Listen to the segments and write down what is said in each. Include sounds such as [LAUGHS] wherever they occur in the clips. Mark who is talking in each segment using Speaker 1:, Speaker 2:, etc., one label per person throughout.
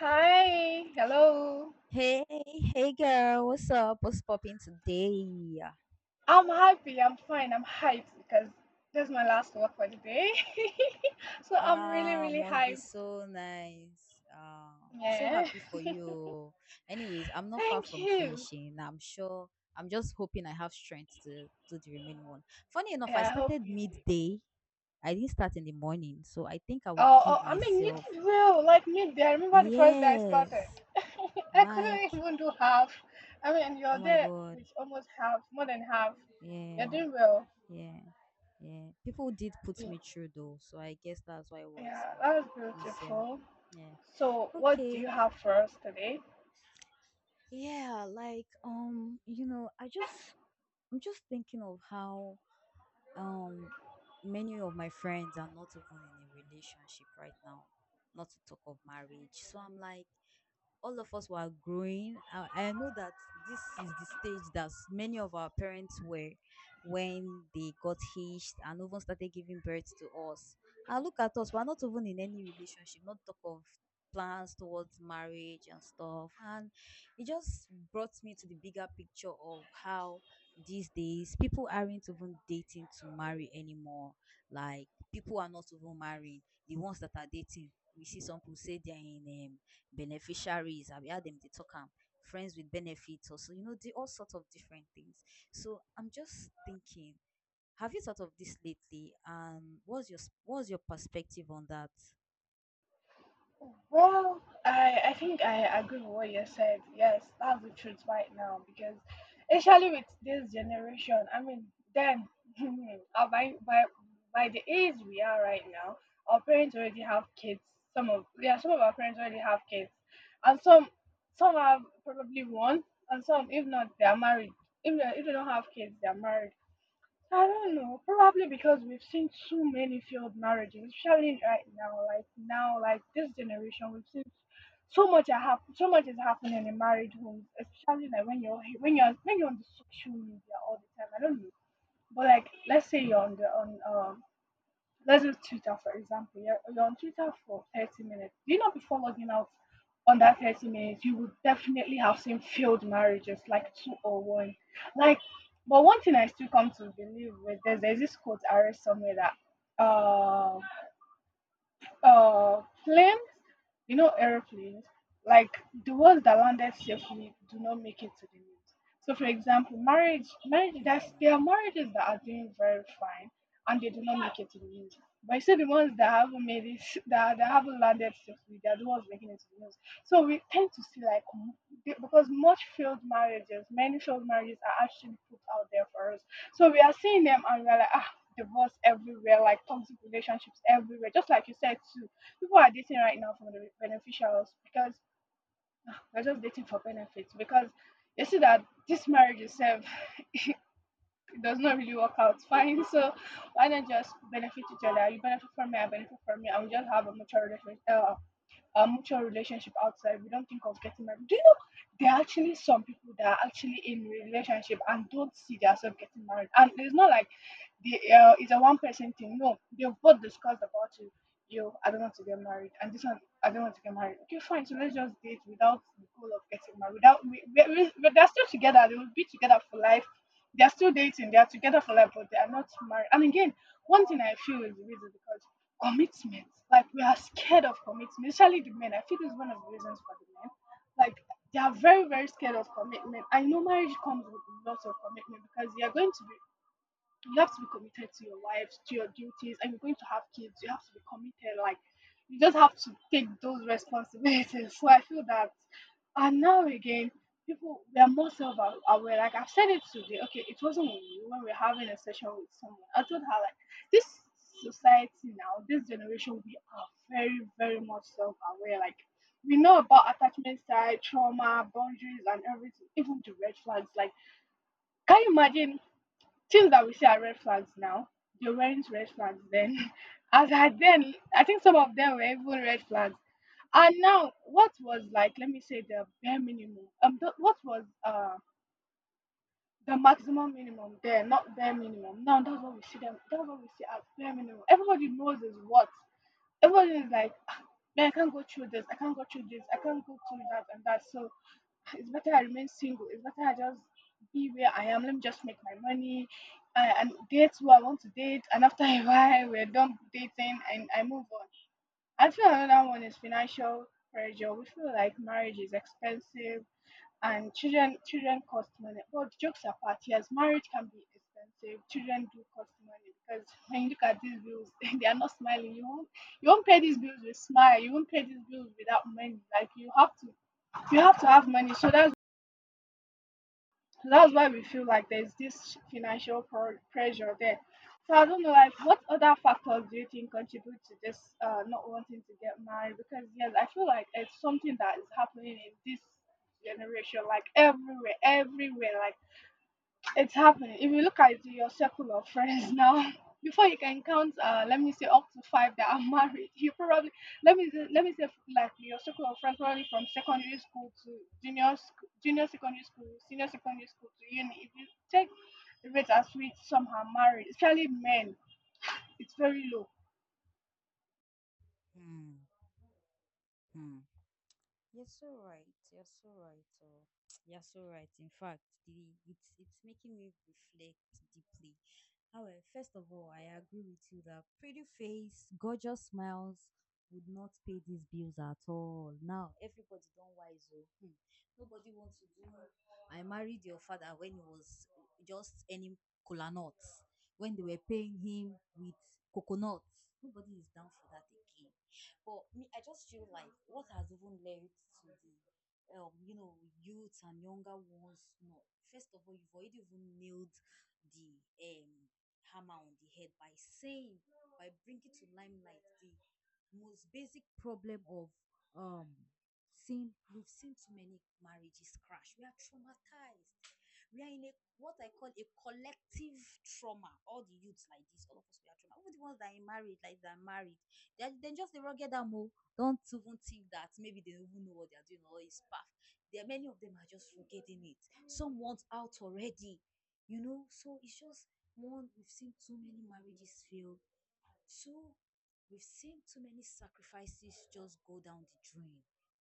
Speaker 1: Hi, hello.
Speaker 2: Hey, hey girl, what's up? What's popping today?
Speaker 1: I'm happy. I'm fine. I'm hyped because that's my last work for the day. [LAUGHS] So I'm really,
Speaker 2: Ah,
Speaker 1: really
Speaker 2: must be
Speaker 1: hyped.
Speaker 2: so nice. Ah, so
Speaker 1: Yeah.
Speaker 2: happy for
Speaker 1: [LAUGHS]
Speaker 2: you. Anyways, I'm not far
Speaker 1: Thank
Speaker 2: from
Speaker 1: you.
Speaker 2: finishing. I'm sure. I'm just hoping I have strength to do the remaining one. Funny enough, I
Speaker 1: Yeah, I hope
Speaker 2: started
Speaker 1: you did.
Speaker 2: midday. I didn't start in the morning, so I think I would
Speaker 1: Oh, oh,
Speaker 2: give
Speaker 1: I mean, you
Speaker 2: myself.
Speaker 1: did well. Like me, there. I remember the first day I started.
Speaker 2: Yes.
Speaker 1: [LAUGHS] I
Speaker 2: Like,
Speaker 1: couldn't even do half. I mean, you're
Speaker 2: oh my
Speaker 1: there
Speaker 2: god.
Speaker 1: with almost half, more than half. You're
Speaker 2: Yeah,
Speaker 1: doing well.
Speaker 2: yeah. Yeah, people did put
Speaker 1: Mm.
Speaker 2: me through though, so I guess that's why it was
Speaker 1: Yeah, that was
Speaker 2: easier.
Speaker 1: beautiful.
Speaker 2: Yeah.
Speaker 1: So, what do you
Speaker 2: Okay.
Speaker 1: have for us today?
Speaker 2: Yeah, like, I'm just thinking of how um many of my friends are not even in a relationship right now, not to talk of marriage. So I'm like, all of us were growing. I know that this is the stage that many of our parents were when they got hitched and even started giving birth to us. And look at us, we're not even in any relationship, not talk of plans towards marriage and stuff. And it just brought me to the bigger picture of how these days people aren't even dating to marry anymore. Like, people are not even married. The ones that are dating, we see some people say they're in beneficiaries, abi how dem dey talk am, friends with benefits also. You know di all sorts of different things. So I'm just thinking, have you thought of this lately, and what's your what's your perspective on that?
Speaker 1: Well, I think I agree with what you said. Yes, that's the truth right now because, especially with this generation, I mean, then [LAUGHS] uh, by, by by the age we are right now, our parents already have kids. Some of our parents already have kids, and some have probably one, and some if not they are married. If they don't have kids, they are married. I don't know. Probably because we've seen too many failed marriages, especially right now. Like now, like this generation, we've seen so much is happening in marriage homes, especially like when you're on the social media all the time. I don't know, but like let's say you're on the on let's use Twitter for example. You're on Twitter for 30 minutes. Do you know before logging out on that 30 minutes, you would definitely have seen failed marriages like two or one. Like, but one thing I still come to believe with this, there's this quote I read somewhere that um planes, aeroplanes, like the ones that landed safely do not make it to the news. So, for example, marriage, there are
Speaker 2: Hmm.
Speaker 1: marriages that are doing very fine and they do not make it to the news. But you see, the ones that haven't made it, [LAUGHS] that haven't landed safely, they are the ones making it to the news. So, we tend to see like, because many failed marriages are actually put out there for us. So, we are seeing them and we are like, ah, divorce everywhere, like toxic relationships everywhere. Just like you said too, people are dating right now for the beneficials because [SIGHS] they're just dating for benefits because they see that this marriage itself [LAUGHS] it does not really work out fine. So why not just benefit each other? You benefit from me, I benefit from you, and we just have a mutual relationship outside. We don't think of getting married. Do you know there are actually some people that are actually in relationship and don't see themselves getting married? And it's not like the it's a one person thing. No, they've both discussed about you. Yo, I don't want to get married, and this one, I don't want to get married. Okay, fine. So let's just date without the goal of getting married. Without, we, but they're still together. They will be together for life. They're still dating. They are together for life, but they are not married. And again, one thing I feel is the reason because commitment, like we are scared of commitment, especially the men. I feel it's one of the reasons for the men. Like they are very, very scared of commitment. I know marriage comes with lots of commitment because you are going to be you have to be committed to your wife, to your duties, and you're going to have kids. You have to be committed. Like you just have to take those responsibilities. [LAUGHS] So I feel that, and now again, people they are more self-aware. Like I've said it today. Okay, it wasn't with you when we are having a session with someone. I told her like this society now, this generation, we are very, very much self-aware. Like we know about attachment style, trauma, boundaries, and everything, even the red flags. Like, can you imagine things that we see are red flags now, they weren't red flags then. [LAUGHS] As at then, I think some of them were even red flags. And now, what was like, let me say the bare minimum. What was the maximum minimum there, not bare minimum. Now that's what we see them. That's what we see as bare minimum. Everybody knows is what. Everybody is like, "Ah, man, I can't go through this. I can't go through this. I can't go through that and that. So it's better I remain single. It's better I just be where I am. Let me just make my money and date who I want to date. And after [LAUGHS] a while, we're done dating and I move on. I feel another one is financial pressure. We feel like marriage is expensive and children cost money. But jokes apart, yes, marriage can be expensive. Children do cost money because [LAUGHS] when you look at these bills, [LAUGHS] they are not smiling. You won't pay these bills with smile. You won't pay these bills without money. Like you have to have money. So that's why we feel like there's this financial pressure there. So I don't know, like, what other factors do you think contribute to this not wanting to get married? Because yes, I feel like it's something that is happening in this generation, like everywhere, everywhere. Like it's happening. If you look at your circle of friends now, [LAUGHS] before you can count, let me say up to five that are [LAUGHS] married, you probably let me say like your circle of friends probably from secondary school to junior secondary school, senior secondary school to uni. If you take the rate at which some are married, especially men, it's very low.
Speaker 2: Hmm. Hmm. You're so right. You're so right. Oh. [TSK] You're so right. In fact, it's making me reflect deeply. However, first of all, I agree with you that pretty face, gorgeous smiles would not pay these bills at all. Now, everybody don't wise up. Hmm. Nobody wants to do. I married your father when he was just earning kola nuts, when they were paying him with coconuts. Nobody is down for that again. But me, I just feel like what has even led to the youth and younger ones. No, first of all, you've already even nailed the hammer on the head by by bringing to limelight the most basic problem of um seeing we've seen too many marriages crash. We are traumatized. We are in a what I call a collective trauma. All the youths like this, all of us we are trauma. Even the ones that are married, like they're married, they are just the rugged ammo. Don't even think that maybe they don't even know what they are doing or is path. There many of them are just forgetting it. Some want out already. So it's just one, we've seen too many marriages fail, so we've seen too many sacrifices just go down the drain.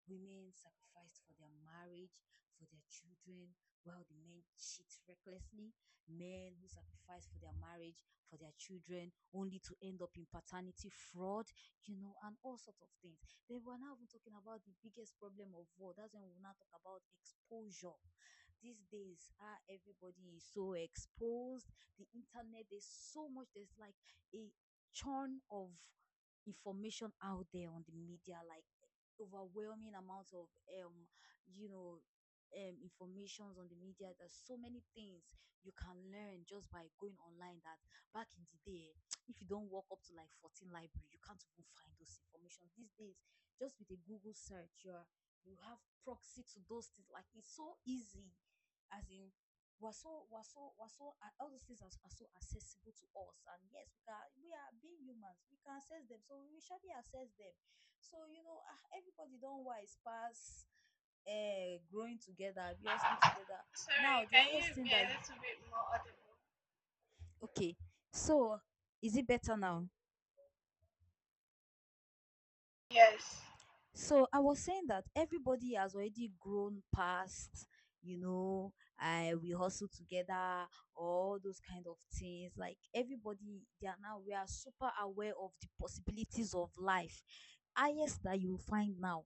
Speaker 2: Women sacrificed for their marriage, for their children, while the men cheat recklessly. Men who sacrifice for their marriage, for their children, only to end up in paternity fraud, and all sorts of things. Then we're now even talking about the biggest problem of all. That's when we now talk about exposure. These days, everybody is so exposed. The internet, there's so much. There's like a churn of information out there on the media, like overwhelming amounts of um, you know, informations on the media. There's so many things you can learn just by going online that back in the day, [TSK] if you don't walk up to like 14 library, you can't even find those information. These days, just with a Google search, you have proxy to those things. Like, it's so easy. As in, we're so we're so we're so all those things are so accessible to us, and yes, we are being humans, we can access them, so we will surely access them. So, everybody don't wise pass. Growing together, obviously together. Now
Speaker 1: Sorry,
Speaker 2: the
Speaker 1: can you
Speaker 2: highest thing
Speaker 1: be
Speaker 2: that
Speaker 1: a
Speaker 2: you —
Speaker 1: little bit more audible?
Speaker 2: okay, so, is it better now?
Speaker 1: Yes.
Speaker 2: So I was saying that everybody has already grown past, I we hustle together, all those kind of things. Like, everybody, they are now, we are super aware of the possibilities of life. Highest that you will find now.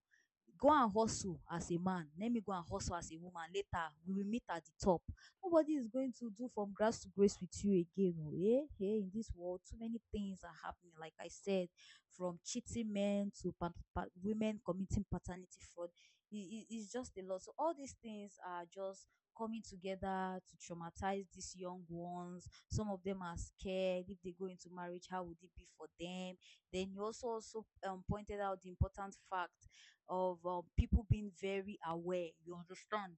Speaker 2: Go and hustle as a man. Let me go and hustle as a woman. Later, we will meet at the top. Nobody is going to do from grass to grace with you again. Oh, eh? Hey, in this world, too many things are happening. Like I said, from cheating men to women committing paternity fraud. It's just a lot. So all these things are just coming together to traumatize these young ones. Some of them are scared, if they go into marriage, how would it be for them? Then you also pointed out the important fact of people being very aware. You understand.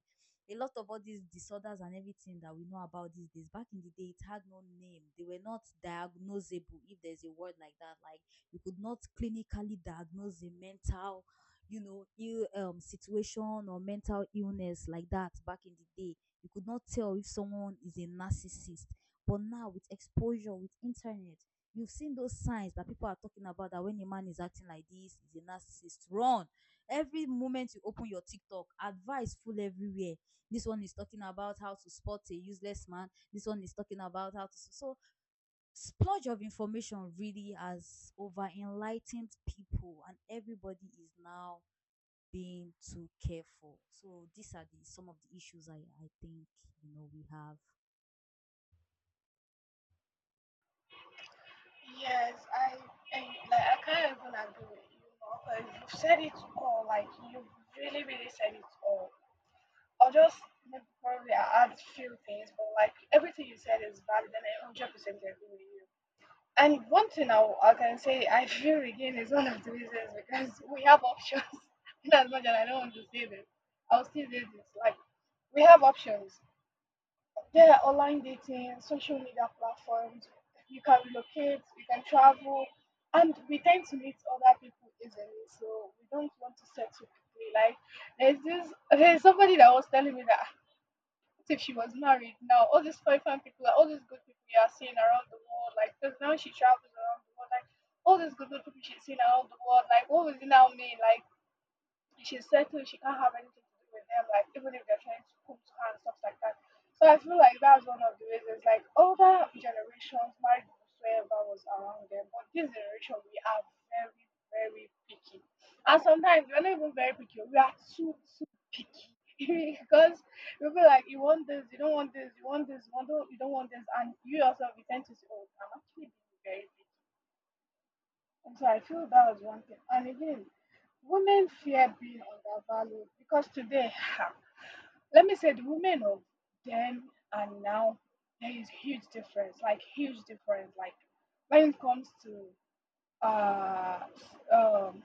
Speaker 2: A lot of all these disorders and everything that we know about these days, back in the day, it had no name. They were not diagnosable, if there's a word like that. Like, you could not clinically diagnose a mental ill situation or mental illness like that back in the day. You could not tell if someone is a narcissist, but now, with exposure, with internet, you've seen those signs that people are talking about, that when a man is acting like this, he's a narcissist, run. Every moment you open your TikTok, advice full everywhere. This one is talking about how to spot a useless man, this one is talking about how to so splurge of information really has over enlightened people, and everybody is now being too careful. So these are the some of the issues I think, you know, we have.
Speaker 1: Yes, I like I can't even agree with you more because you've said it all. Like you've really, really said it all. I'll just maybe probably add few things, but like everything you said is valid, and I 100% agree with you. And one thing I can say, I feel again is one of the reasons because we have options. [LAUGHS] In as much as I don't want to say this, I'll still say this. Like we have options. Yeah, online dating, social media platforms, you can relocate, you can travel, and we tend to meet other people easily. So we don't want to settle quickly. Like there's somebody that was telling me that "Ah, what if she was married now, all these fine fine people, like, all these good people you are seeing around the world, like because now she travels around the world, like all these good good people she's seeing around the world, like what would it now mean? Like she's settled, she can't have anything to do with them, like even if they're trying to come to her and stuff like that. So I feel like that's one of the reasons like older generations married whoever was around them. But this generation we are very, very picky. And sometimes we're not even very picky, we are too too picky. [LAUGHS] Because we feel like you want this, you don't want this, you want this, you want don't, you don't want this, and you yourself you tend to say, oh, I'm actually being very picky. And so I feel that was one thing. And again, women fear being undervalued because today, ha, let me say, the women of then and now, there is huge difference. Like when it comes to uh, s- um,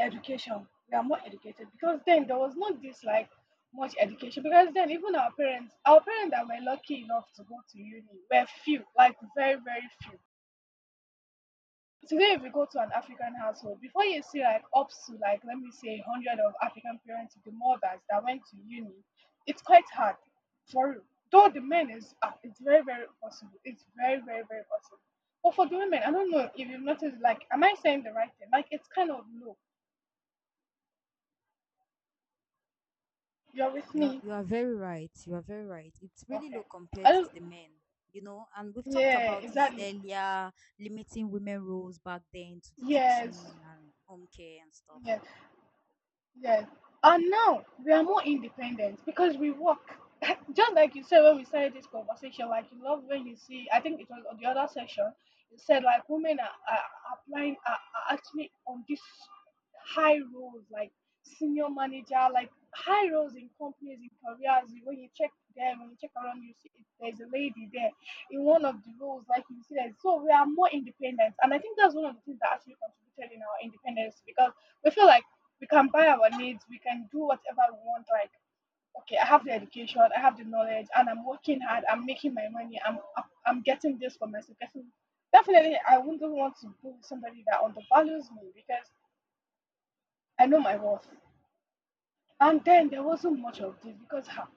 Speaker 1: education, we are more educated because then there was not this like much education because then even our parents, that were lucky enough to go to uni were few, like very very few. Today, if you go to an African household, before you see like up to like let me say 100 of African parents with the mothers that went to uni, it's quite hard for real. Though the men is it's very very possible. It's very very very possible. But for the women, I don't know if you've noticed. Like, am I saying the right thing? Like, it's kind of low. You're with
Speaker 2: you are
Speaker 1: me,
Speaker 2: you are very right. You are very right. It's really
Speaker 1: okay?
Speaker 2: low
Speaker 1: I
Speaker 2: compared
Speaker 1: don't.
Speaker 2: to the men. You know, and we've talked
Speaker 1: Yeah,
Speaker 2: about this
Speaker 1: exactly.
Speaker 2: earlier, limiting women roles back then to the
Speaker 1: Yes,
Speaker 2: kitchen and home care and stuff.
Speaker 1: yes. Yes. And now we are more independent because we work. [LAUGHS] Just like you said when we started this conversation, like you love when you see, I think it was on the other section, you said like women are applying, are actually on this high roles, like senior manager, like high roles in companies, in careers. When you check them, when you check around, you see there's a lady there in one of the roles, like you see that. So we are more independent. And I think that's one of the things that actually contributed in our independence because we feel like we can buy our needs, we can do whatever we want. Like, okay, I have the education, I have the knowledge, and I'm working hard, I'm making my money, I'm getting this for myself. Getting, definitely, I wouldn't want to be with somebody that undervalues me because I know my worth. And then there wasn't much of this because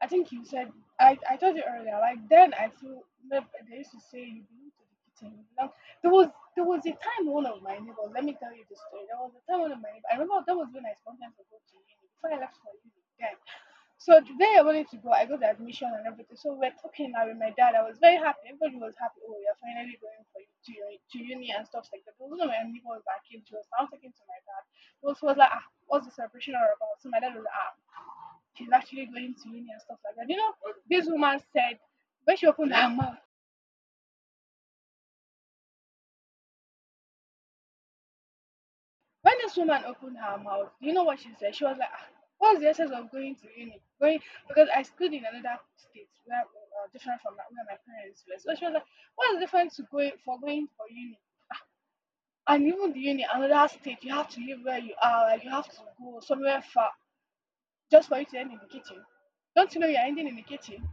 Speaker 1: I think you said I told you earlier, like then I feel remember they used to say you belong to the kitchen. You belong. There was there was a time one of my neighbors, let me tell you the story. There was a time one of my neighbors, I remember that was when I spontaneously go to uni before I left for uni then. So the day I wanted to go, I got the admission and everything. So we're talking now with my dad. I was very happy. Everybody was happy. Oh, you're finally going for to, your, to uni and stuff like that. But one of my neighbors that came to us, I was talking to my dad also was like, ah, what's the separation all about? So my dad was like, ah, she's actually going to uni and stuff like that. You know, this woman said when she opened her mouth, when this woman opened her mouth, you know what she said? She was like, ah, what's the essence of going to uni? Going because I schooled in another state where different from that where my parents were. So she was like, what's the difference to going for going for uni? And even the uni, another state, you have to live where you are, like you have to go somewhere far just for you to end in the kitchen. Don't you know you're ending in the kitchen?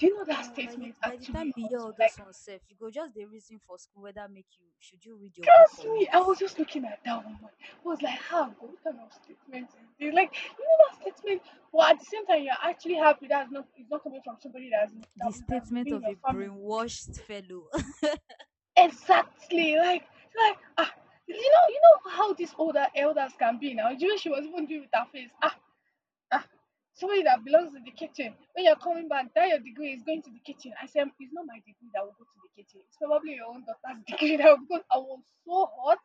Speaker 1: Do you know that
Speaker 2: Omo, by the
Speaker 1: statement
Speaker 2: by the time
Speaker 1: actually
Speaker 2: you hear
Speaker 1: hurts
Speaker 2: all
Speaker 1: me? Like,
Speaker 2: those ones sef, you go just the reason for school, whether make you should you read your book
Speaker 1: trust
Speaker 2: or
Speaker 1: me,
Speaker 2: not.
Speaker 1: I was just looking at that woman. I was like, how good what kind of statement is this? Like, you know that statement, but at the same time, you're actually happy that's not it's not coming from somebody that's
Speaker 2: the
Speaker 1: that
Speaker 2: the
Speaker 1: was that's
Speaker 2: statement
Speaker 1: within
Speaker 2: of
Speaker 1: your
Speaker 2: a
Speaker 1: family.
Speaker 2: brainwashed fellow. [LAUGHS]
Speaker 1: Exactly. Like ah, you know how these older elders can be now. You know, she was even doing with her face. Ah, Ah, somebody that belongs in the kitchen. When you're coming back, that your degree is going to the kitchen. I said, it's not my degree that will go to the kitchen. It's probably your own daughter's [LAUGHS] degree that will because I was so hot.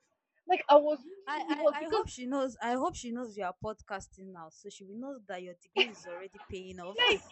Speaker 1: Like I was really,
Speaker 2: I,
Speaker 1: really hot
Speaker 2: I, I
Speaker 1: because
Speaker 2: hope she knows, you are podcasting now, so she will know that your degree is already paying off.
Speaker 1: like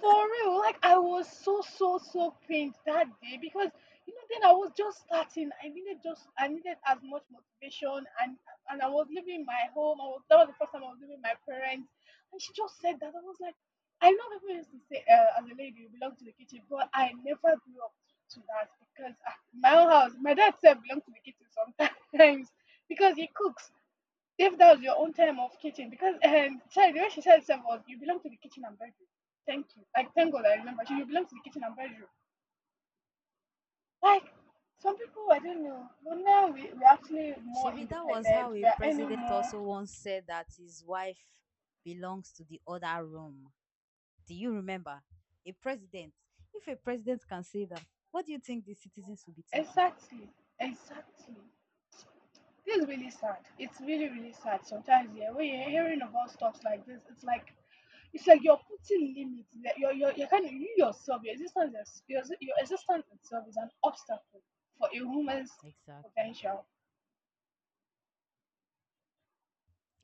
Speaker 1: for real, like I was so so so pained that day because you know then I was just starting. I needed just I needed as much motivation and I was leaving my home. I was that was the first time I was leaving my parents, and she just said that I was like, I know people used to say as a lady you belong to the kitchen, but I never grew up to that because my own house, my dad said belong to the kitchen sometimes [LAUGHS] because he cooks. If that was your own time of kitchen, because sorry, the way she said itself was, you belong to the kitchen and bedroom. Thank you. Like, thank God I remember. She, you belong to the kitchen and bedroom. Like, some people, I don't know. But now we're actually
Speaker 2: [LAUGHS]
Speaker 1: more
Speaker 2: Shebi, that was
Speaker 1: independent.
Speaker 2: how a
Speaker 1: We are earning
Speaker 2: president
Speaker 1: more.
Speaker 2: also once said that his wife belongs to the other room. Do you remember? A president. If a president can say that, what do you think the citizens will be thinking?
Speaker 1: Exactly. Exactly. This is really sad. It's really, really sad. Sometimes, yeah, when you're
Speaker 2: Yeah,
Speaker 1: hearing about stuff like this, it's like you're putting limits. That You're kind of, you yourself, your existence, is- your existence itself is an obstacle for a woman's
Speaker 2: exactly.
Speaker 1: potential.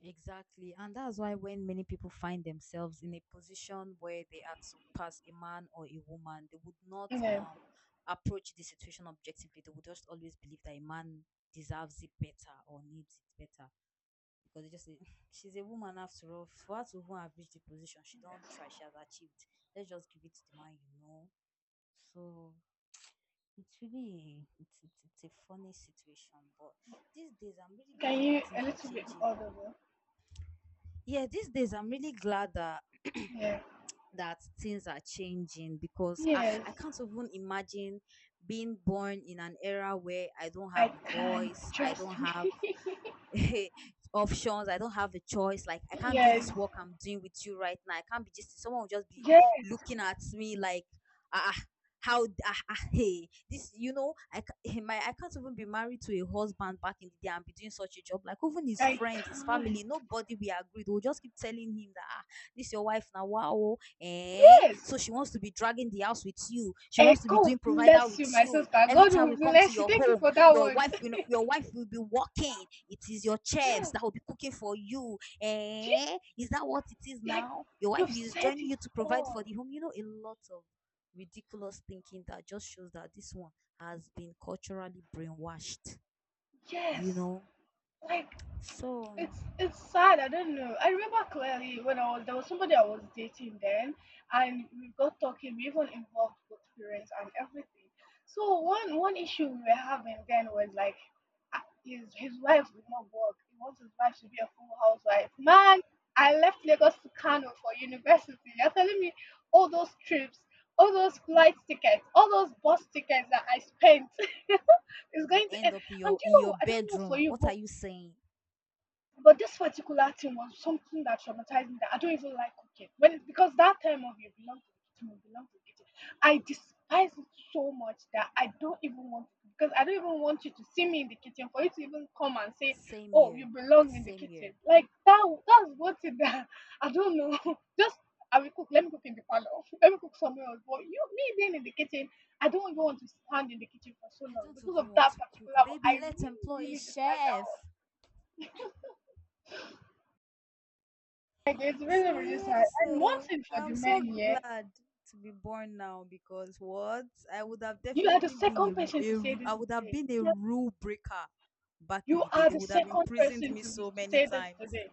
Speaker 2: Exactly. And that's why when many people find themselves in a position where they are to pass a man or a woman, they would not
Speaker 1: Yeah.
Speaker 2: approach the situation objectively. They would just always believe that a man deserves it better or needs it better. Because they just say, [LAUGHS] she's a woman after all. For her to even have reached the position, she don't
Speaker 1: Yes.
Speaker 2: try, she has achieved. Let's just give it to the man. So it's really it's a funny situation, but these days I'm really
Speaker 1: Can
Speaker 2: glad
Speaker 1: you
Speaker 2: that
Speaker 1: a
Speaker 2: things are
Speaker 1: little bit
Speaker 2: changing.
Speaker 1: audible?
Speaker 2: Yeah, these days I'm really glad that
Speaker 1: Yeah.
Speaker 2: things are changing, because I,
Speaker 1: Yes.
Speaker 2: I can't even imagine being born in an era where I don't
Speaker 1: I
Speaker 2: have a
Speaker 1: can't.
Speaker 2: voice, I don't
Speaker 1: Trust me.
Speaker 2: have
Speaker 1: [LAUGHS]
Speaker 2: [LAUGHS] options, I don't have a choice. Like, I can't do
Speaker 1: Yes.
Speaker 2: this work I'm doing with you right now. I can't be just — someone will just be
Speaker 1: Yes.
Speaker 2: looking at me like, ah, ah, how, hey, this, you know, I, [LAUGHS] my, I can't even be married to a husband back in the day and be doing such a job. Like, even his
Speaker 1: I
Speaker 2: friends, his
Speaker 1: can.
Speaker 2: family, nobody we agreed. We'll just keep telling him that, ah, this your wife now, wow, eh?
Speaker 1: Yes.
Speaker 2: So she wants to be dragging the house with you. She
Speaker 1: Eh,
Speaker 2: wants to be
Speaker 1: God
Speaker 2: doing provider
Speaker 1: bless
Speaker 2: with
Speaker 1: you, my
Speaker 2: you.
Speaker 1: sister.
Speaker 2: Every
Speaker 1: God
Speaker 2: time
Speaker 1: will
Speaker 2: we come to
Speaker 1: bless you.
Speaker 2: your
Speaker 1: Thank you
Speaker 2: home,
Speaker 1: for that word. [LAUGHS]
Speaker 2: your wife will be working. It is your chefs that
Speaker 1: Yes.
Speaker 2: will be cooking for you.
Speaker 1: Do
Speaker 2: Eh? Is that what it is
Speaker 1: you, like
Speaker 2: now? Your wife
Speaker 1: you've
Speaker 2: is
Speaker 1: said
Speaker 2: joining
Speaker 1: it
Speaker 2: you to provide
Speaker 1: all.
Speaker 2: for the home. You know, a lot of ridiculous thinking that just shows that this one has been culturally brainwashed. You
Speaker 1: Yes.
Speaker 2: know,
Speaker 1: Like
Speaker 2: so
Speaker 1: it's sad. I don't know. I remember clearly when I was there was somebody I was dating then, and we got talking. We even involved both parents and everything. So one issue we were having then was like, uh, his wife would not work. He wants his wife to be a full housewife. Man, I left Lagos to Kano for university. You're telling me all those trips, all those flight tickets, all those bus tickets that I spent [LAUGHS] is
Speaker 2: we
Speaker 1: going to
Speaker 2: end
Speaker 1: end.
Speaker 2: up in
Speaker 1: And do you know,
Speaker 2: your
Speaker 1: what? I don't know for
Speaker 2: bedroom.
Speaker 1: you,
Speaker 2: What are you saying?
Speaker 1: but this particular thing was something that traumatized me that I don't even like cooking. When because that time of you belong to the kitchen, you belong to the kitchen. I despise it so much that I don't even want to because I don't even want you to see me in the kitchen for you to even come and say,
Speaker 2: Same
Speaker 1: oh, you
Speaker 2: here.
Speaker 1: belong in the
Speaker 2: Same
Speaker 1: kitchen.
Speaker 2: here.
Speaker 1: Like that's what it that [LAUGHS] I don't know. [LAUGHS] Just I will cook, let me cook in the parlor, [LAUGHS] let me cook somewhere else. But you me being in the kitchen, I don't even want to stand in the kitchen for so
Speaker 2: I
Speaker 1: long
Speaker 2: don't
Speaker 1: because of
Speaker 2: even want
Speaker 1: that
Speaker 2: to cook.
Speaker 1: particular one.
Speaker 2: Baby,
Speaker 1: I
Speaker 2: let's
Speaker 1: really,
Speaker 2: employ a
Speaker 1: really despise that
Speaker 2: chef.
Speaker 1: one. Like it's very,
Speaker 2: So
Speaker 1: really
Speaker 2: yeah,
Speaker 1: sad. And one
Speaker 2: so
Speaker 1: thing for the
Speaker 2: I'm so
Speaker 1: men, yeah,
Speaker 2: glad to be born now, because what? I would have
Speaker 1: you are the
Speaker 2: definitely been
Speaker 1: second person
Speaker 2: a
Speaker 1: to say
Speaker 2: ru- I
Speaker 1: this
Speaker 2: would have
Speaker 1: today.
Speaker 2: been a
Speaker 1: Yeah.
Speaker 2: rule breaker back in
Speaker 1: You
Speaker 2: the day.
Speaker 1: are
Speaker 2: They
Speaker 1: the
Speaker 2: would have
Speaker 1: second
Speaker 2: imprisoned
Speaker 1: person
Speaker 2: me
Speaker 1: to,
Speaker 2: so
Speaker 1: to
Speaker 2: many
Speaker 1: say this
Speaker 2: times.
Speaker 1: today.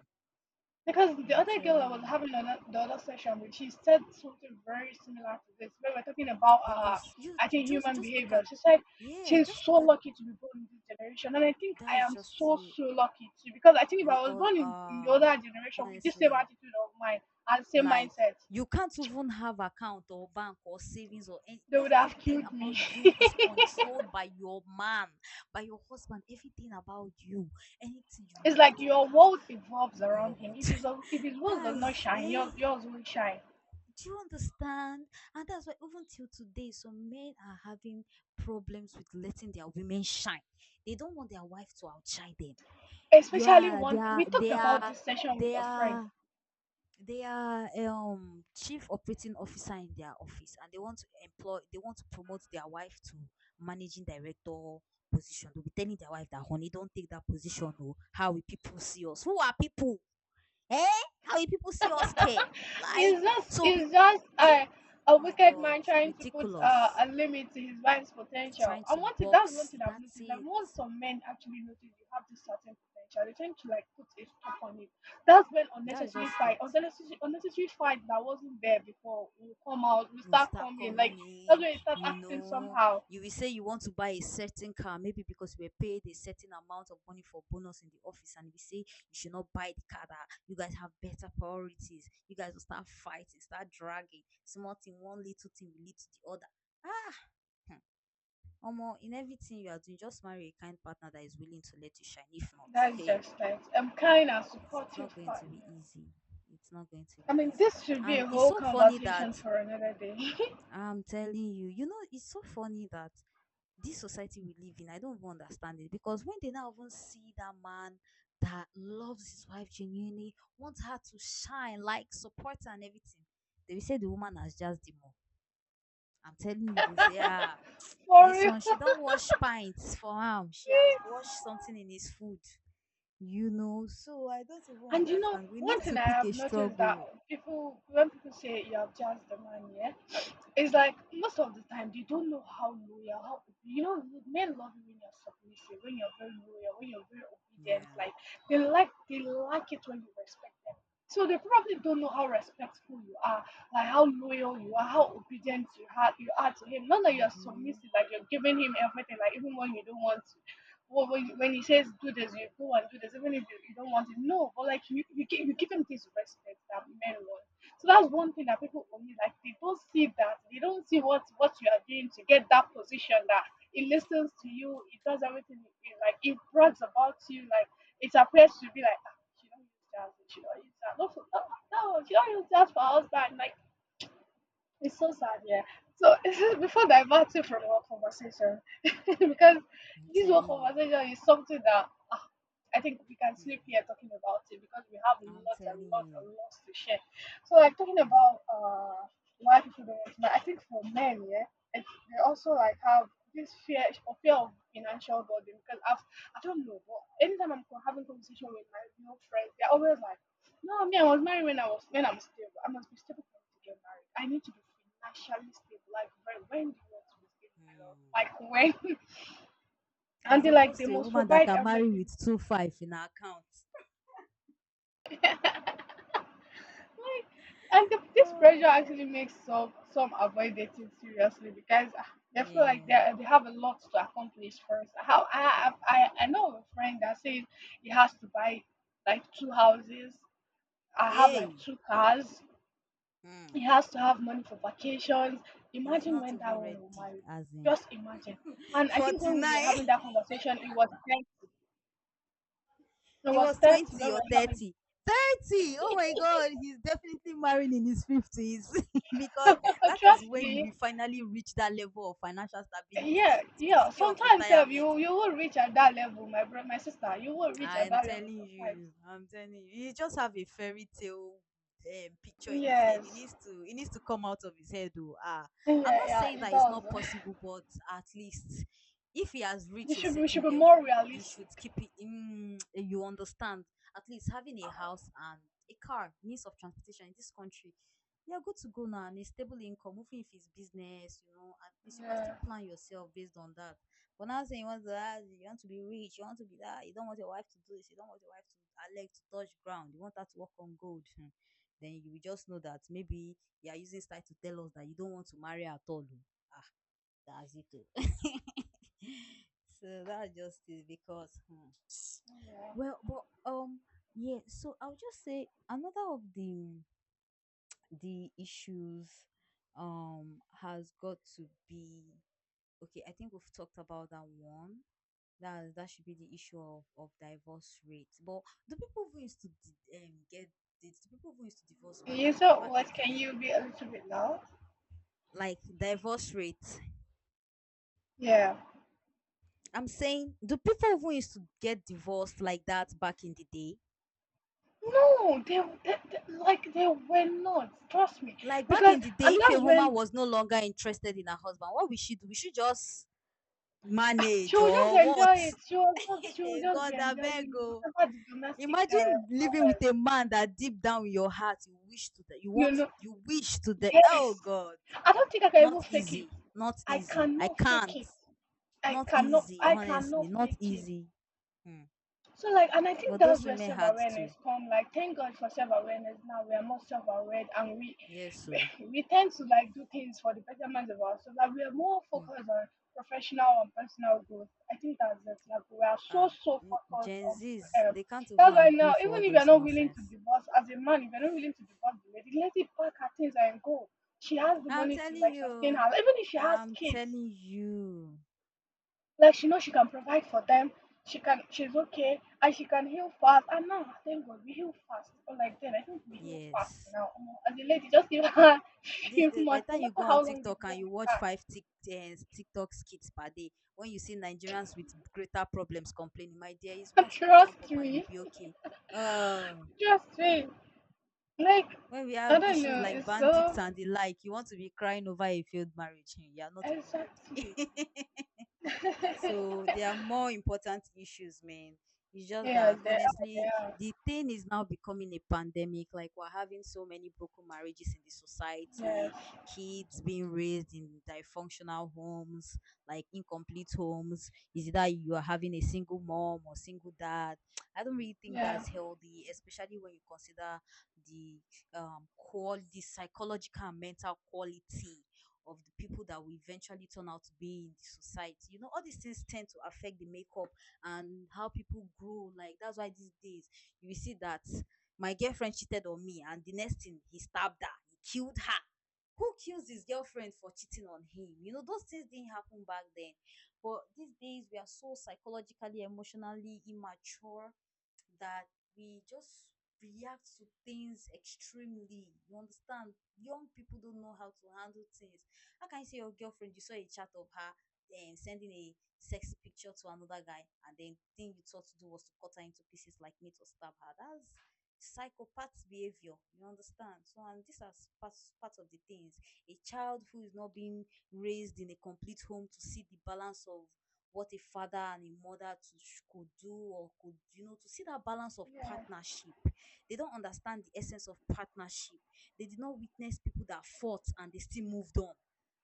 Speaker 1: Because the
Speaker 2: I'm
Speaker 1: other girl I
Speaker 2: telling
Speaker 1: was
Speaker 2: you.
Speaker 1: having another, the other session with, she said something very similar to this. We were talking about,
Speaker 2: Because, you
Speaker 1: I think, human
Speaker 2: just look
Speaker 1: behavior.
Speaker 2: at
Speaker 1: She said
Speaker 2: yeah,
Speaker 1: she's
Speaker 2: just
Speaker 1: so
Speaker 2: look at
Speaker 1: lucky to be born in this generation. And I think I
Speaker 2: that's
Speaker 1: am
Speaker 2: just
Speaker 1: so,
Speaker 2: it.
Speaker 1: so lucky too. Because I think if
Speaker 2: We
Speaker 1: I was
Speaker 2: all
Speaker 1: born in the
Speaker 2: are,
Speaker 1: older generation with this same
Speaker 2: honestly.
Speaker 1: attitude of mine and same
Speaker 2: Like
Speaker 1: mindset,
Speaker 2: you can't even have account or bank or savings or any,
Speaker 1: they would have
Speaker 2: everything
Speaker 1: killed
Speaker 2: about
Speaker 1: me.
Speaker 2: you
Speaker 1: [LAUGHS]
Speaker 2: is controlled by your man, by your husband, everything about you, anything you
Speaker 1: It's
Speaker 2: need
Speaker 1: like
Speaker 2: you
Speaker 1: your
Speaker 2: have.
Speaker 1: world evolves around him. If
Speaker 2: God.
Speaker 1: his own- if his
Speaker 2: [LAUGHS]
Speaker 1: world does not
Speaker 2: That's
Speaker 1: shine, yours
Speaker 2: eh,
Speaker 1: yours will shine.
Speaker 2: do you understand? And that's why even till today some men are having problems with letting their women shine. They don't want their wife to outshine them. You
Speaker 1: Especially
Speaker 2: are, they
Speaker 1: one we
Speaker 2: are
Speaker 1: talked
Speaker 2: they
Speaker 1: about
Speaker 2: are
Speaker 1: this session with
Speaker 2: they
Speaker 1: a friend.
Speaker 2: are, they are chief operating officer in their office and they want to employ, they want to promote their wife to managing director position. They'll be telling their wife that, honey, don't take that position, oh, how will people see us? Who are people? Eh, how will people see us? Care.
Speaker 1: [LAUGHS]
Speaker 2: Like,
Speaker 1: It's just
Speaker 2: so be,
Speaker 1: it's just
Speaker 2: do you,
Speaker 1: a
Speaker 2: oh my
Speaker 1: wicked
Speaker 2: god,
Speaker 1: man trying to put
Speaker 2: ridiculous,
Speaker 1: a limit to his wife's potential.
Speaker 2: trying
Speaker 1: And
Speaker 2: to
Speaker 1: one thing that's one
Speaker 2: box.
Speaker 1: thing I've
Speaker 2: That's
Speaker 1: noticed that
Speaker 2: it.
Speaker 1: once some men actually notice you have this certain potential, they tend to like put a stop on it. That's when
Speaker 2: That's
Speaker 1: unnecessary
Speaker 2: just
Speaker 1: fight,
Speaker 2: it.
Speaker 1: unnecessary fight that wasn't there before will come out, will
Speaker 2: Will
Speaker 1: start
Speaker 2: start
Speaker 1: coming. Like
Speaker 2: coming
Speaker 1: that's
Speaker 2: in,
Speaker 1: when you start
Speaker 2: you
Speaker 1: acting
Speaker 2: know.
Speaker 1: somehow.
Speaker 2: You will say you want to buy a certain car maybe because you were paid a certain amount of money for bonus in the office and we say you should not buy the car, that you guys have better priorities. You guys will start fighting, start dragging small thing, one little thing will lead to the other. Ah. Hmm. Omo, in everything you are doing, just marry a kind partner that is willing to let you shine. If not,
Speaker 1: That's
Speaker 2: hey,
Speaker 1: just it. I'm kind and
Speaker 2: it's
Speaker 1: supportive
Speaker 2: not going to be
Speaker 1: partner.
Speaker 2: easy. It's not going to
Speaker 1: I
Speaker 2: be
Speaker 1: mean,
Speaker 2: easy.
Speaker 1: this should be
Speaker 2: And
Speaker 1: a
Speaker 2: it's
Speaker 1: whole
Speaker 2: so funny that,
Speaker 1: conversation for another day.
Speaker 2: I'm telling you, you know, it's so funny that this society we live in, I don't even understand it, because when they now even see that man that loves his wife genuinely, wants her to shine, like support her and everything, they will say the woman has just the more. I'm telling you, they'll say, ah,
Speaker 1: [LAUGHS] For
Speaker 2: this
Speaker 1: real.
Speaker 2: one, she don't wash pints for him. She has
Speaker 1: Please.
Speaker 2: washed something in his food, you know. So I don't even
Speaker 1: And you know,
Speaker 2: understand. We
Speaker 1: one
Speaker 2: need
Speaker 1: thing
Speaker 2: to
Speaker 1: I
Speaker 2: pick a
Speaker 1: have noticed that
Speaker 2: struggle.
Speaker 1: people, when people say you have just the money, yeah, it's like most of the time they don't know how loyal, how you know, men love you when you're submissive, when you're very loyal, when you're very obedient.
Speaker 2: Yeah.
Speaker 1: Like they like it when you respect them. So they probably don't know how respectful you are, like how loyal you are, how obedient you are to him. Not that you're
Speaker 2: Mm-hmm.
Speaker 1: submissive, like you're giving him everything, like even when you don't want to. Well, when he says do this, you go and do this, even if you, you don't want it. No, but like you, you give him this respect that men want. So that's one thing that people for me like they don't see that they don't see what you are doing to get that position that it listens to you, it does everything it- like it brags about you, like it appears to be like "Ah, she don't use that, she don't use that. No, for- no, no, she don't use that for husband. Like it's so sad, yeah. So [LAUGHS] before
Speaker 2: I'm
Speaker 1: diverting from our conversation, [LAUGHS] because this whole
Speaker 2: telling you.
Speaker 1: conversation is something that ah, I think we can sleep
Speaker 2: Hmm.
Speaker 1: here talking about it because we have
Speaker 2: I'm
Speaker 1: lots and
Speaker 2: telling
Speaker 1: lots
Speaker 2: you.
Speaker 1: and lots to share. So like talking
Speaker 2: Mm.
Speaker 1: about why people don't want to marry, I think for men, yeah, it's, they also like have this fear or fear of financial burden because I've I don't know, but anytime I'm having conversation with my male friends, they're always like no, me, I was married when I was when I'm stable. I must be stable for me to get married. I need to be financially stable. Like when do you want to be stable, my love?
Speaker 2: Mm.
Speaker 1: Like when? [LAUGHS] And
Speaker 2: As
Speaker 1: they like they
Speaker 2: opposed to a
Speaker 1: must
Speaker 2: woman that
Speaker 1: provide
Speaker 2: can marry
Speaker 1: everything.
Speaker 2: with 2 5 in her account.
Speaker 1: Like this
Speaker 2: Oh my
Speaker 1: pressure actually
Speaker 2: gosh.
Speaker 1: makes some avoid dating seriously because they feel like
Speaker 2: Yeah.
Speaker 1: they have a lot to accomplish first. How I know of a friend that says he has to buy like two houses. I have like
Speaker 2: Hey.
Speaker 1: two cars.
Speaker 2: Mm.
Speaker 1: He has to have money for vacations.
Speaker 2: He's
Speaker 1: Imagine
Speaker 2: not
Speaker 1: when that
Speaker 2: even
Speaker 1: one will
Speaker 2: ready.
Speaker 1: marry.
Speaker 2: As in
Speaker 1: Just imagine. And I think
Speaker 2: forty
Speaker 1: when we were
Speaker 2: nine.
Speaker 1: having
Speaker 2: [LAUGHS]
Speaker 1: that conversation, it was 30. It
Speaker 2: He
Speaker 1: was
Speaker 2: was
Speaker 1: 30 when
Speaker 2: 20
Speaker 1: we
Speaker 2: or
Speaker 1: were having.
Speaker 2: 30. 30. Oh my God. He's definitely marrying in his fifties [LAUGHS] because
Speaker 1: [LAUGHS]
Speaker 2: that is
Speaker 1: Trust
Speaker 2: when you
Speaker 1: me.
Speaker 2: will finally reach that level of financial stability that
Speaker 1: Yeah,
Speaker 2: you will be
Speaker 1: yeah.
Speaker 2: thinking of
Speaker 1: Sometimes sef,
Speaker 2: retirement.
Speaker 1: you will reach at that level, my brother, my sister. You will reach at that level sometimes.
Speaker 2: I'm telling you, he just have a fairy tale picture in his head. He
Speaker 1: Yes.
Speaker 2: needs to, it needs to come out of his head. Though, ah,
Speaker 1: Yeah,
Speaker 2: I'm not
Speaker 1: yeah,
Speaker 2: saying
Speaker 1: it
Speaker 2: that it's
Speaker 1: does.
Speaker 2: not
Speaker 1: [LAUGHS]
Speaker 2: possible, but at least if he has
Speaker 1: You
Speaker 2: reached a
Speaker 1: should be, we should
Speaker 2: certain
Speaker 1: be
Speaker 2: level,
Speaker 1: more
Speaker 2: he should
Speaker 1: realistic.
Speaker 2: keep it. In, [TSK] you understand? At least having a house and a car, means of transportation in this country. You're good to go now, and a stable income, even if it's business, you know, at least you can still
Speaker 1: Yeah,
Speaker 2: plan yourself based on that. But now saying you want to have, you want to be rich, you want to be that, you don't want your wife to do this, you don't want your wife to her leg to touch ground, you want her to walk on gold. [LAUGHS] Then you will just know that maybe you are using style to tell us that you don't want to marry at all. Oh. That's it. [LAUGHS] So that's just it because, hmm,
Speaker 1: yeah.
Speaker 2: well, but um yeah, so I'll just say another of the issues has got to be, okay, I think we've talked about that one. That that should be the issue of divorce rates. But the people who used to get dates, the people who used to divorce back
Speaker 1: You,
Speaker 2: in,
Speaker 1: so
Speaker 2: back in
Speaker 1: what,
Speaker 2: the
Speaker 1: can
Speaker 2: day,
Speaker 1: you be a little bit loud?
Speaker 2: like divorce rates.
Speaker 1: Yeah.
Speaker 2: I'm saying the people who used to get divorced like that back in the day.
Speaker 1: No, like they were not. Trust me,
Speaker 2: Like back
Speaker 1: because
Speaker 2: in the day,
Speaker 1: and
Speaker 2: if a
Speaker 1: that's when
Speaker 2: woman was no longer interested in her husband, what we should do? We should just
Speaker 1: she
Speaker 2: manage
Speaker 1: will just
Speaker 2: or what?
Speaker 1: enjoy
Speaker 2: [LAUGHS]
Speaker 1: it. She will just she will
Speaker 2: Hey,
Speaker 1: just be
Speaker 2: God, I beg
Speaker 1: enjoying
Speaker 2: you.
Speaker 1: whatever the domestic
Speaker 2: Imagine living with
Speaker 1: hours.
Speaker 2: a man that deep down in your heart you wish to, that you
Speaker 1: You
Speaker 2: want to,
Speaker 1: know,
Speaker 2: you wish to the, oh
Speaker 1: yes.
Speaker 2: God.
Speaker 1: I don't think I can even
Speaker 2: Not
Speaker 1: fake it.
Speaker 2: easy, not
Speaker 1: I
Speaker 2: easy. I
Speaker 1: cannot fake
Speaker 2: can't.
Speaker 1: it. I
Speaker 2: Not
Speaker 1: cannot.
Speaker 2: easy,
Speaker 1: I
Speaker 2: honestly,
Speaker 1: cannot
Speaker 2: not
Speaker 1: fake it.
Speaker 2: easy. Mm.
Speaker 1: So like, and I think
Speaker 2: But
Speaker 1: that's
Speaker 2: those
Speaker 1: where
Speaker 2: women
Speaker 1: self
Speaker 2: had
Speaker 1: awareness
Speaker 2: to.
Speaker 1: come. Like, thank God for self awareness. Now we are more self aware, and we,
Speaker 2: Yes, so,
Speaker 1: [LAUGHS] we tend to like do things for the betterment of ourselves. Like we are more
Speaker 2: mm.
Speaker 1: focused on professional and personal growth. I think that's it. Like we are so
Speaker 2: Ah,
Speaker 1: so
Speaker 2: w-
Speaker 1: focused
Speaker 2: Gen
Speaker 1: on.
Speaker 2: Zs,
Speaker 1: Um,
Speaker 2: they can't even
Speaker 1: that's why now,
Speaker 2: agree for
Speaker 1: even
Speaker 2: all
Speaker 1: if you're
Speaker 2: those
Speaker 1: not willing to
Speaker 2: nonsense.
Speaker 1: divorce as a man, if you're not willing to divorce the lady, let it pack her things and go. She has the
Speaker 2: I'm
Speaker 1: money to
Speaker 2: telling
Speaker 1: like sustain
Speaker 2: you,
Speaker 1: her. Even if she has
Speaker 2: I'm
Speaker 1: kids,
Speaker 2: telling you,
Speaker 1: like she knows she can provide for them. She can. She's okay, and she can heal fast. And now, thank God, we heal fast. Or like then, I think we heal fast
Speaker 2: yes.
Speaker 1: now. Omo, as a lady, just give her [LAUGHS] a
Speaker 2: These
Speaker 1: few
Speaker 2: days, by the
Speaker 1: months, no
Speaker 2: time you
Speaker 1: matter
Speaker 2: go
Speaker 1: how
Speaker 2: on
Speaker 1: long
Speaker 2: TikTok
Speaker 1: you've been
Speaker 2: and you
Speaker 1: with
Speaker 2: watch
Speaker 1: her.
Speaker 2: five TikTok skits per day, when you see Nigerians with greater problems complaining, my dear, is
Speaker 1: [LAUGHS]
Speaker 2: once you will jump
Speaker 1: Trust
Speaker 2: up and you'll
Speaker 1: me.
Speaker 2: be okay. Uh,
Speaker 1: Trust me. Like
Speaker 2: when we
Speaker 1: I
Speaker 2: have
Speaker 1: don't
Speaker 2: issues
Speaker 1: know.
Speaker 2: like
Speaker 1: It's
Speaker 2: bandits
Speaker 1: so
Speaker 2: and the like, you want to be crying over a failed marriage. [LAUGHS] You are not even
Speaker 1: exactly.
Speaker 2: ready. [LAUGHS]
Speaker 1: [LAUGHS]
Speaker 2: So there are more important issues, man. It's
Speaker 1: Yes,
Speaker 2: just
Speaker 1: they
Speaker 2: that
Speaker 1: are. They are.
Speaker 2: honestly, the thing is now becoming a pandemic. Like we're having so many broken marriages in the
Speaker 1: Yes.
Speaker 2: society,
Speaker 1: [LAUGHS]
Speaker 2: kids being raised in dysfunctional homes, like incomplete homes. Is it that you are having a single mom or single dad? [TSK] I don't really think
Speaker 1: Yeah.
Speaker 2: that's healthy, especially when you consider the quality, psychological and mental quality of the people that we eventually turn out to be in the society. You know, all these things tend to affect the makeup and how people grow. Like that's why these days you will see that my girlfriend cheated on me, and the next thing he stabbed her, he killed her. Who kills his girlfriend for cheating on him? You know, those things didn't happen back then. But these days, we are so psychologically, emotionally immature that we just react to things extremely. You understand? Young people don't know how to handle things. How can you say your girlfriend, you saw a chat of her sending a sexy picture to another guy, and then the thing you thought to do was to cut her into pieces like meat or stab her? That's psychopath behavior, you understand. So and this are part, part of the things a child who is not being raised in a complete home to see the balance of what a father and a mother to, could do, or could, you know, to see that balance of
Speaker 1: Yeah.
Speaker 2: partnership. They don't understand the essence of partnership. They did not witness people that fought and they still moved on.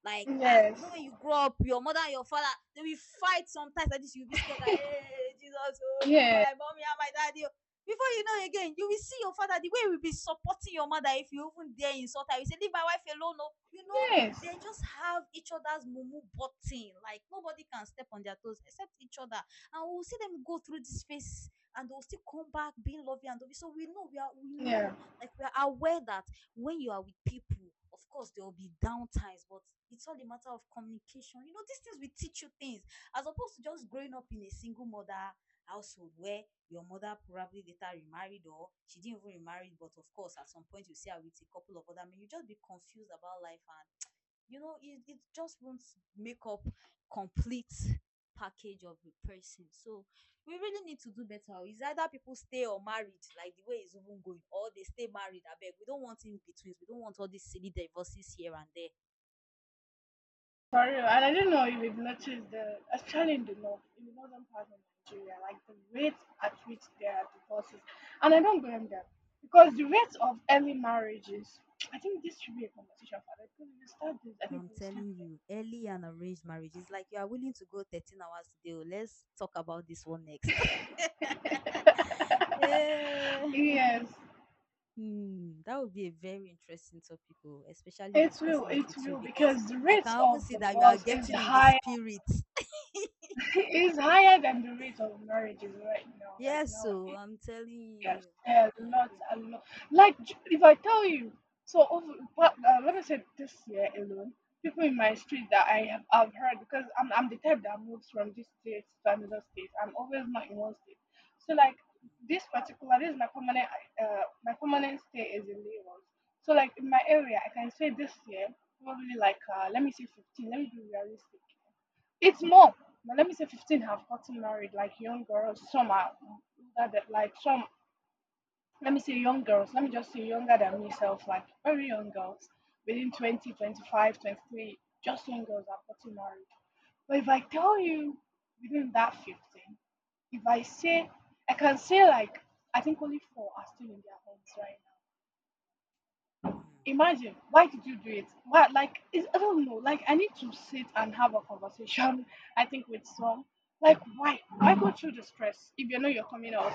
Speaker 2: Like, ah, you know,
Speaker 1: Yes.
Speaker 2: when you grow up, your mother and your father, they will fight sometimes like this, you'll be scared that,
Speaker 1: [LAUGHS]
Speaker 2: hey, Jesus, oh,
Speaker 1: Yeah.
Speaker 2: my mommy and my daddy, oh. Before you know again, you will see your father, the way he will be supporting your mother, if you even dare insult her, you say leave my wife alone, no, you know,
Speaker 1: Yes.
Speaker 2: they just have each other's mumu button. Like nobody can step on their toes except each other. And we'll see them go through this phase and they'll still come back being lovey and dovey. So we know, we are, we know,
Speaker 1: Yeah.
Speaker 2: like we are aware that when you are with people, of course there will be down times. But it's all a matter of communication. You know, these things will teach you things, as opposed to just growing up in a single mother household where your mother probably later remarried, or she didn't even remarry, but of course at some point you see her with a couple of other men. You just be confused about life, and you know it, it just won't make up complete package of the person. So we really need to do better. It's either people stay or married like the way it's even going, or they stay married, I beg. We don't want in betweens, we don't want all these silly divorces here and there.
Speaker 1: For real, and I don't know if you've noticed the especially in the north, in the northern part of Nigeria, like the rates at which there are divorces, and I don't blame them because the rates of early marriages. [TSK] I think this should be a conversation for that
Speaker 2: I'm
Speaker 1: because
Speaker 2: telling you, early and arranged marriage is like you are willing to go 13 hours a day. Oh, let's talk about this one
Speaker 1: if
Speaker 2: next.
Speaker 1: we start this, I think
Speaker 2: [LAUGHS]
Speaker 1: we'll
Speaker 2: Yeah.
Speaker 1: sleep here. [LAUGHS] Yes,
Speaker 2: Hmm, that would be a very interesting topic, oh, especially discussing it
Speaker 1: it
Speaker 2: with you,
Speaker 1: will
Speaker 2: because
Speaker 1: because the
Speaker 2: I
Speaker 1: rates
Speaker 2: can even
Speaker 1: of
Speaker 2: see that you are
Speaker 1: divorce is
Speaker 2: getting in the
Speaker 1: higher.
Speaker 2: spirit.
Speaker 1: [LAUGHS] Is higher than the rate of marriages right now, like
Speaker 2: Yes, so
Speaker 1: nowadays.
Speaker 2: I'm telling
Speaker 1: Yes,
Speaker 2: you,
Speaker 1: yeah, a
Speaker 2: I
Speaker 1: lot,
Speaker 2: agree.
Speaker 1: a lot. Like, j- if I tell you, so over, but, let me say this year alone, people in my street that I have, I've heard because I'm the type that moves from this state to another state. I'm always not in one state. So like this is my permanent stay is in Lagos. So like in my area, I can say this year probably like let me say 15. Let me be realistic. It's more. Now, let me say 15 have gotten married, like young girls. Some are older than, like, some let me say young girls, let me just say younger than myself, like very young girls within 20, 25, 23, just young girls are getting married. But if I tell you, within that 15, if I say, I can say like, I think only 4 are still in their homes right now.
Speaker 2: Hmm.
Speaker 1: Imagine, why did you do it? Why? Like it's, I don't know, like I need to sit and have a conversation. [LAUGHS] I think with some, like why go through the stress if you know you're coming out?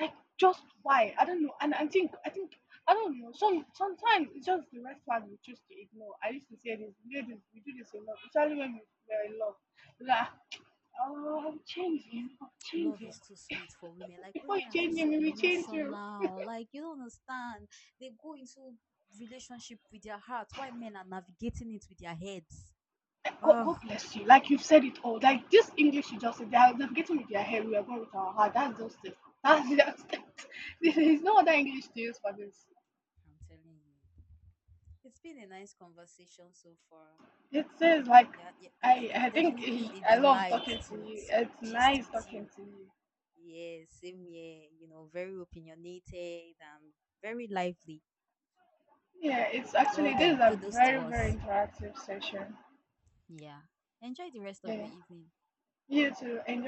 Speaker 1: Like just why? I don't know. And I think I don't know. Sometimes it's just the red flag we choose to ignore. I used to say this, we do this a lot, especially when we were in love. Like, oh, I'm changing, I'm
Speaker 2: Love
Speaker 1: changing.
Speaker 2: is too sweet for women. Like
Speaker 1: Before you
Speaker 2: women are
Speaker 1: change
Speaker 2: just
Speaker 1: him,
Speaker 2: so
Speaker 1: we will change you.
Speaker 2: emotional. Like you don't understand. They go into relationship with their heart. Why men are navigating it with their heads?
Speaker 1: Like,
Speaker 2: Oh,
Speaker 1: God bless you. Like you've said it all. Like this English you just said, they are navigating with their head, we are going with our heart. That's just it. That's just it. [LAUGHS] There is no other English to use for this.
Speaker 2: I'm telling you. It's been a nice conversation so far.
Speaker 1: It says like
Speaker 2: Yeah, yeah, it's
Speaker 1: I
Speaker 2: it's
Speaker 1: I think
Speaker 2: definitely
Speaker 1: he,
Speaker 2: a
Speaker 1: I love
Speaker 2: delight
Speaker 1: talking to
Speaker 2: to
Speaker 1: you.
Speaker 2: to
Speaker 1: It's
Speaker 2: gist
Speaker 1: nice
Speaker 2: with
Speaker 1: talking
Speaker 2: you.
Speaker 1: to you.
Speaker 2: Yes, same here. You know, very opinionated and very lively.
Speaker 1: Yeah, it's
Speaker 2: Well
Speaker 1: actually, this
Speaker 2: done.
Speaker 1: is a
Speaker 2: Kudos to
Speaker 1: very
Speaker 2: us.
Speaker 1: interactive session.
Speaker 2: Yeah. Enjoy the rest of your
Speaker 1: Yeah,
Speaker 2: evening.
Speaker 1: you too. Enjoy